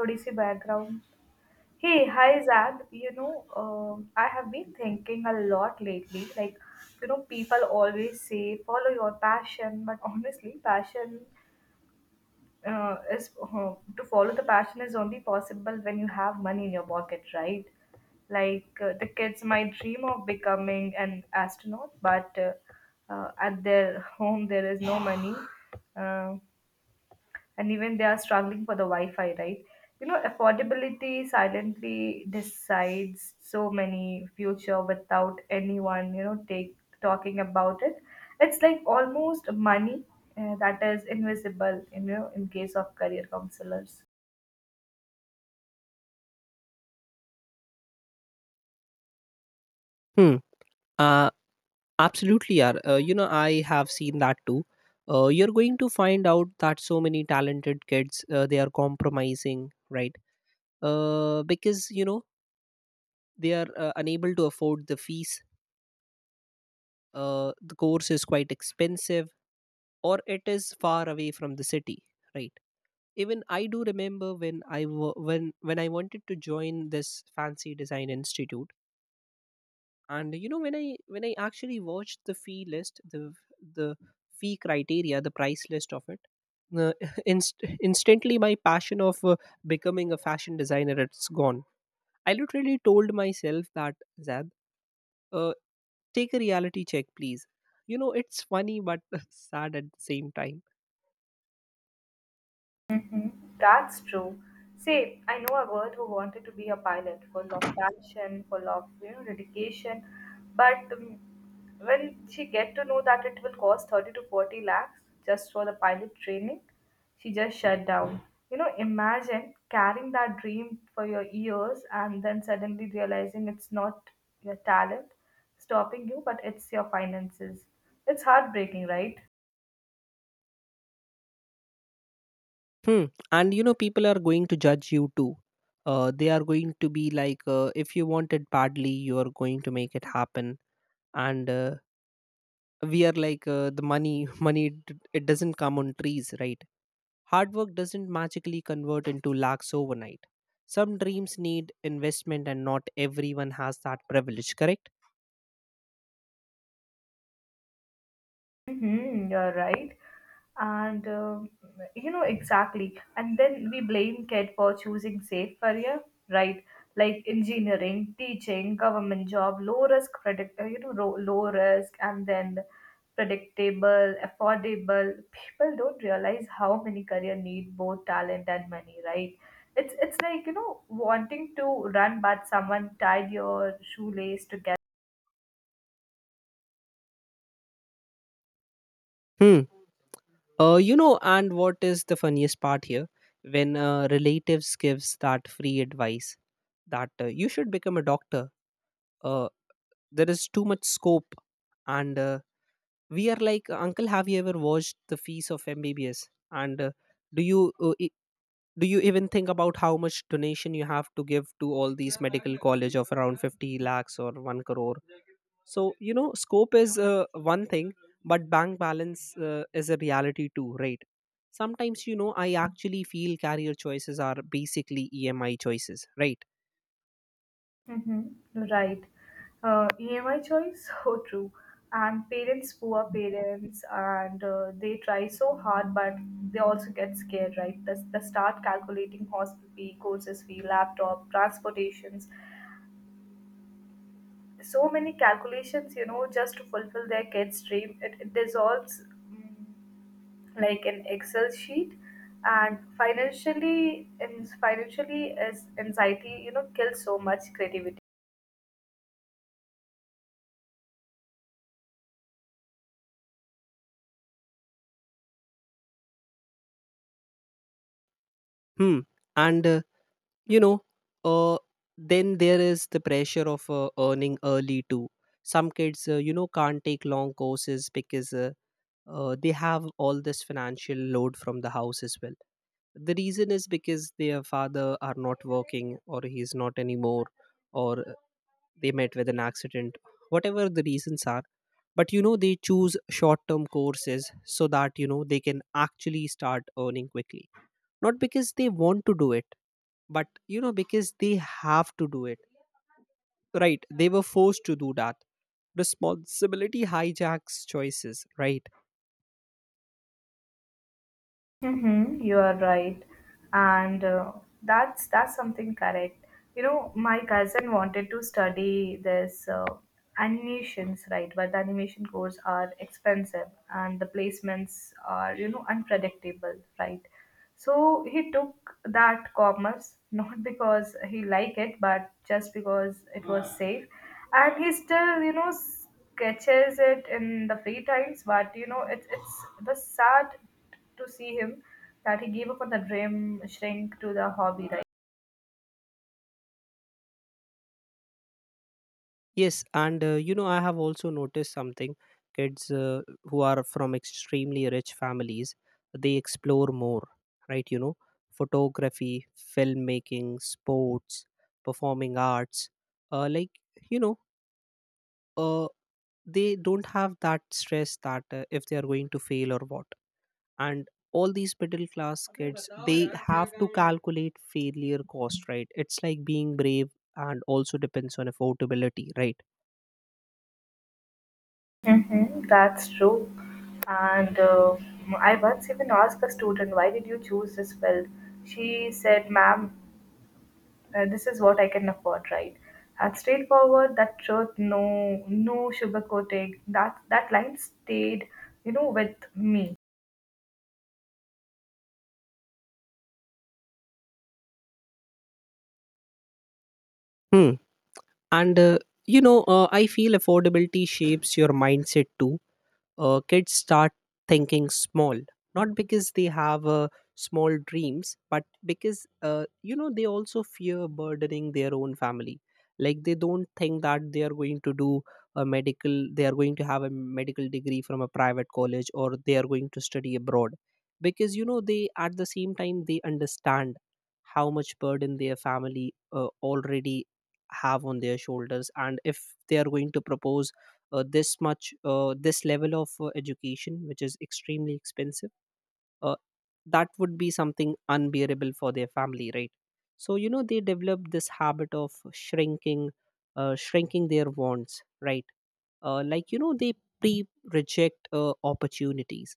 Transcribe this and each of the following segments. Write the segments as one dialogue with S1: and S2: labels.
S1: Odissi background. Hey, hi Zad. I have been thinking a lot lately. Like, people always say follow your passion, but honestly, passion is to follow the passion is only possible when you have money in your pocket, right? Like the kids might dream of becoming an astronaut, but at their home there is no money. Um and even they are struggling for the Wi-Fi, right? Affordability silently decides so many future without anyone, take talking about it. It's like almost money that is invisible, in case of career counselors.
S2: Hmm. Uh, Absolutely, yeah. I have seen that too. You're going to find out that so many talented kids they are compromising, right? Because they are unable to afford the fees. The course is quite expensive, or it is far away from the city, right? Even I do remember when I wanted to join this fancy design institute, and when I actually watched the fee list, the the fee criteria, the price list of it, uh, instantly my passion of becoming a fashion designer, it's gone. I literally told myself that, "Zad, uh, take a reality check, please." It's funny but sad at the same time.
S1: Mhm. That's true. See, I know a girl who wanted to be a pilot, full of passion, full of dedication, but when she get to know that it will cost 30 to 40 lakhs just for the pilot training, she just shut down. Imagine carrying that dream for your years and then suddenly realizing it's not your talent stopping you, but it's your finances. It's heartbreaking, right?
S2: Hmm. And people are going to judge you too. They are going to be like, "If you want it badly, you are going to make it happen." And we are like, the money money, it doesn't come on trees, right? Hard work doesn't magically convert into lakhs overnight. Some dreams need investment, and not everyone has that privilege, correct?
S1: Mm-hmm, you're right. And you know exactly. And then we blame kid for choosing safe career, right? Like engineering, teaching, government job, low risk, predict, you know, ro- low risk, and then predictable, affordable. People don't realize how many career need both talent and money, right? It's like wanting to run, but someone tied your shoelace to.
S2: Hmm. And what is the funniest part here? When relatives gives that free advice that you should become a doctor, uh, there is too much scope. And we are like, "Uncle, have you ever watched the fees of MBBS? And do you uh, do you even think about how much donation you have to give to all these medical college of around 50 lakhs or 1 crore?" So scope is one thing, but bank balance is a reality too, right? Sometimes, I actually feel career choices are basically EMI choices, right?
S1: Mhm. Right. EMI choice, so true. And parents, poor parents, and they try so hard, but they also get scared, right? The start calculating hospital fee, courses fee, laptop, transportations, so many calculations, just to fulfill their kid's dream. It dissolves mm, like an Excel sheet, and financially, is anxiety, kills so much creativity.
S2: Hmm. And you know uh, then there is the pressure of earning early too. Some kids, can't take long courses because they have all this financial load from the house as well. The reason is because their father are not working, or he's not anymore, or they met with an accident, whatever the reasons are. But they choose short term courses so that they can actually start earning quickly. Not because they want to do it, but because they have to do it. Right. They were forced to do that. Responsibility hijacks choices, right?
S1: Mm-hmm, you are right, and that's something correct. My cousin wanted to study this animations, right? But the animation course are expensive, and the placements are unpredictable, right? So he took that commerce not because he liked it, but just because it was safe, and he still sketches it in the free times. But it's the sad to see him that he gave up on the dream shrink to the hobby, right?
S2: Yes, and I have also noticed something. Kids who are from extremely rich families, they explore more, right? You know, photography, filmmaking, sports, performing arts. Like, you know, uh, they don't have that stress that, if they are going to fail or what. And all these middle class kids, they have to calculate failure cost, right? It's like being brave and also depends on affordability, right?
S1: Mm-hmm, that's true. And I once even asked a student, why did you choose this field? She said, ma'am, this is what I can afford, right? And straightforward, that truth, no, no sugarcoating. That line stayed, with me.
S2: Hmm. And I feel affordability shapes your mindset too. Kids start thinking small, not because they have small dreams, but because, they also fear burdening their own family. Like, they don't think that they are going to do a medical, they are going to have a medical degree from a private college, or they are going to study abroad, because they, at the same time, they understand how much burden their family already have on their shoulders. And if they are going to propose this much, this level of education, which is extremely expensive, uh, that would be something unbearable for their family, right? So they develop this habit of shrinking, shrinking their wants, right? Like, they pre reject opportunities.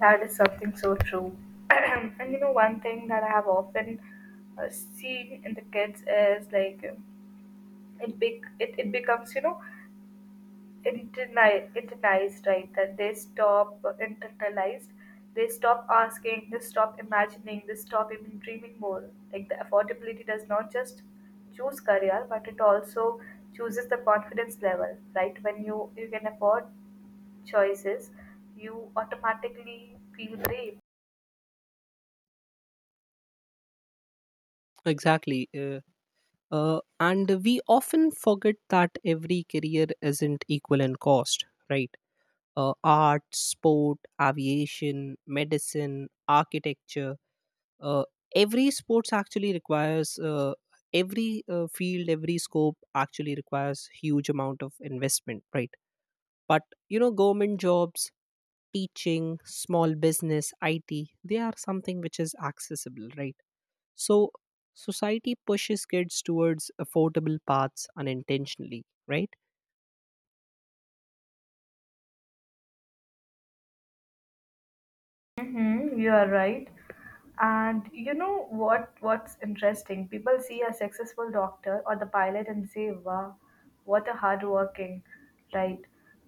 S1: That is something so true. And one thing that I have often seen in the kids is like it becomes internalized, right, that they stop internalized they stop asking, they stop imagining, they stop even dreaming. More like the affordability does not just choose career, but it also chooses the confidence level, right? When you can afford choices, you automatically feel brave.
S2: Exactly. And we often forget that every career isn't equal in cost, right? Art, sport, aviation, medicine, architecture, uh, every sports actually requires, every field, every scope actually requires huge amount of investment, right? But government jobs, teaching, small business, it, they are something which is accessible, right? So society pushes kids towards affordable paths, unintentionally, right?
S1: Mm-hmm, you are right. And you know what's interesting? People see a successful doctor or the pilot and say, "Wow, what a hard working," right?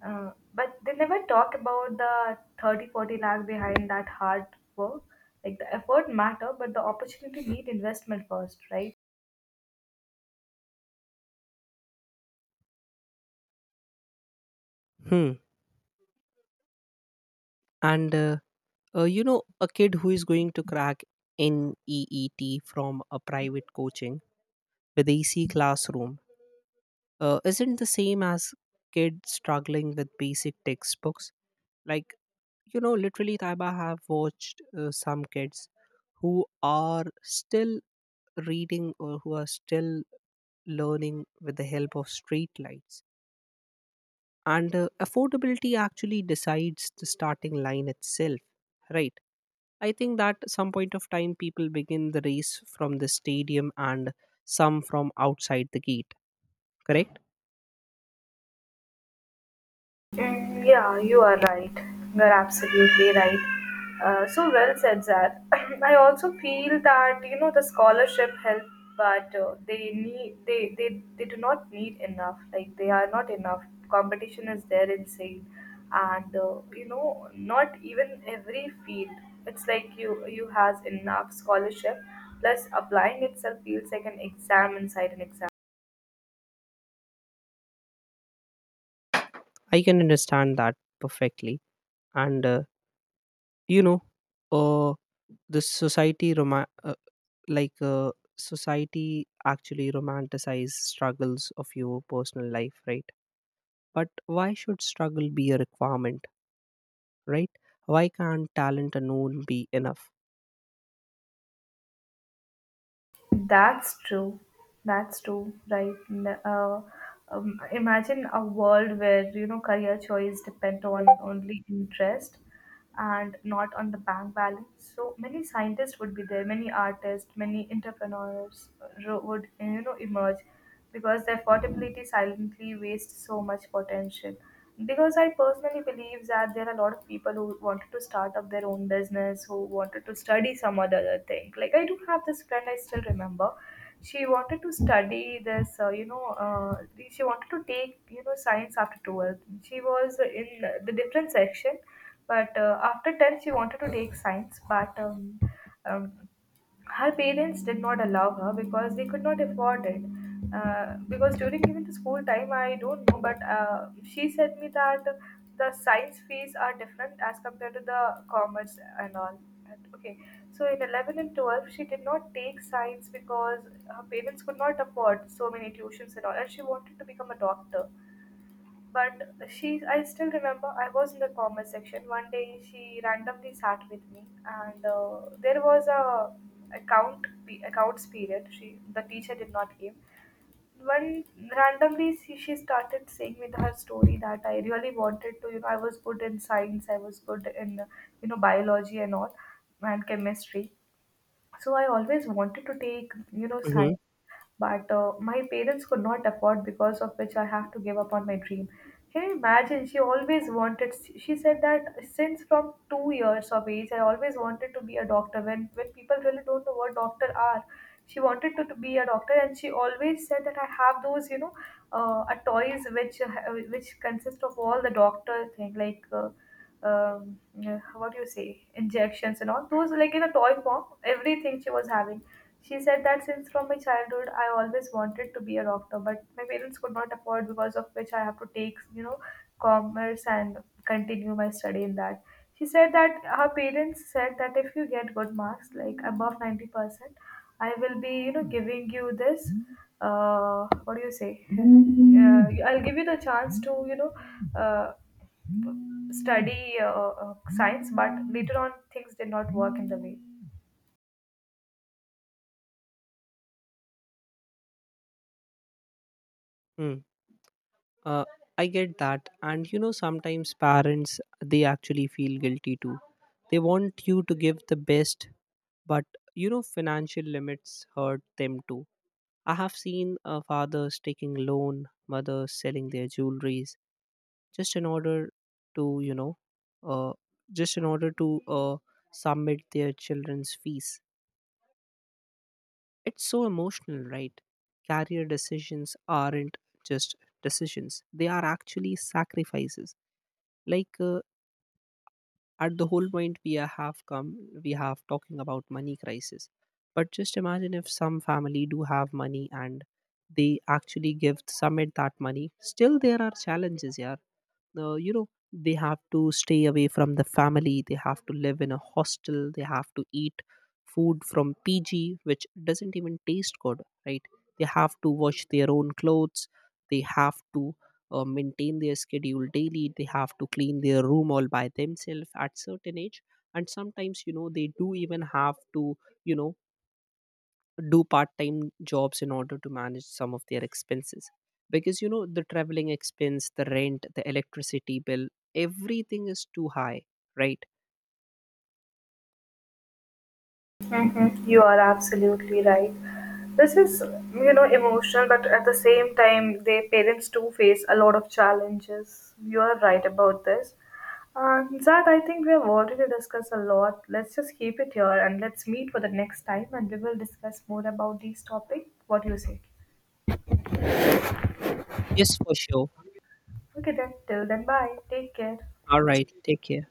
S1: But they never talk about the 30, forty 40 lakh behind that hard work. Like the effort matter, but the opportunity need investment first, right?
S2: Hmm. And a kid who is going to crack neet from a private coaching with AC classroom isn't the same as kids struggling with basic textbooks. Like, literally, Taiba have watched some kids who are still reading, or who are still learning, with the help of street lights. And affordability actually decides the starting line itself, right? I think that some point of time people begin the race from the stadium, and some from outside the gate, correct?
S1: Yeah, you are right. You're absolutely right. So well said, Zad. I also feel that the scholarship help, but they do not need enough. Like they are not enough. Competition is there insane, and not even every field. It's like you has enough scholarship. Plus, applying itself feels like an exam inside an exam.
S2: I can understand that perfectly. And you know uh the like uh, society actually romanticize struggles of your personal life, right? But why should struggle be a requirement, right? Why can't talent alone be enough?
S1: That's true. That's true, right? Imagine a world where career choice depend on only interest and not on the bank balance. So many scientists would be there, many artists, many entrepreneurs would emerge because the affordability silently wastes so much potential, because I personally believe that there are a lot of people who wanted to start up their own business, who wanted to study some other thing. Like I do have this friend, I still remember, she wanted to study this you know she wanted to take science after 12th. She was in the different section, but after 10 she wanted to take science, but um, her parents did not allow her because they could not afford it. Because during even the school time, I don't know, but she said me that the science fees are different as compared to the commerce and all. And, okay, so in 11 and 12, she did not take science because her parents could not afford so many tuitions and all, and she wanted to become a doctor. But I still remember I was in the comment section. One day she randomly sat with me, and there was a accounts period. She the teacher did not give. When randomly she started saying with her story that I really wanted to, I was good in science, I was good in, biology and all, and chemistry. So I always wanted to take, science,
S2: Hmm.
S1: but my parents could not afford, because of which I have to give up on my dream. Can you imagine? She always wanted She said that since from 2 years of age I always wanted to be a doctor, when people really don't know what doctor are. She wanted to be a doctor, and she always said that I have those toys, which consist of all the doctor thing, like um, what do you say, injections and all those, like in a toy form, everything she was having. She said that since from my childhood I always wanted to be a doctor, but my parents could not afford, because of which I have to take, commerce and continue my study in that. She said that her parents said that if you get good marks, like above 90%, I will be, giving you this, what do you say? I'll give you the chance to, uh, study science, but later on things did not work in the way.
S2: Mm. Uh, I get that. And sometimes parents, they actually feel guilty too. They want you to give the best, but financial limits hurt them too. I have seen fathers taking loan, mothers selling their jewelries just in order to, uh, just in order to uh, submit their children's fees. It's so emotional, right? Career decisions aren't just decisions; they are actually sacrifices. Like, at the whole point we have come, we have talking about money crisis. But just imagine if some family do have money and they actually give some of that money. Still, there are challenges, yeah. They have to stay away from the family. They have to live in a hostel. They have to eat food from PG which doesn't even taste good, right? They have to wash their own clothes. They have to maintain their schedule daily. They have to clean their room all by themselves at certain age. And sometimes, they do even have to, you know do part-time jobs in order to manage some of their expenses, because the traveling expense, the rent, the electricity bill, everything is too high, right?
S1: Mm-hmm. You are absolutely right. This is, emotional, but at the same time, their parents do face a lot of challenges. You are right about this. Zach, I think we have already discussed a lot. Let's just keep it here and let's meet for the next time and we will discuss more about these topics. What do you say?
S2: Yes, for sure.
S1: Okay, then, till then, bye. Take care.
S2: All right, take care.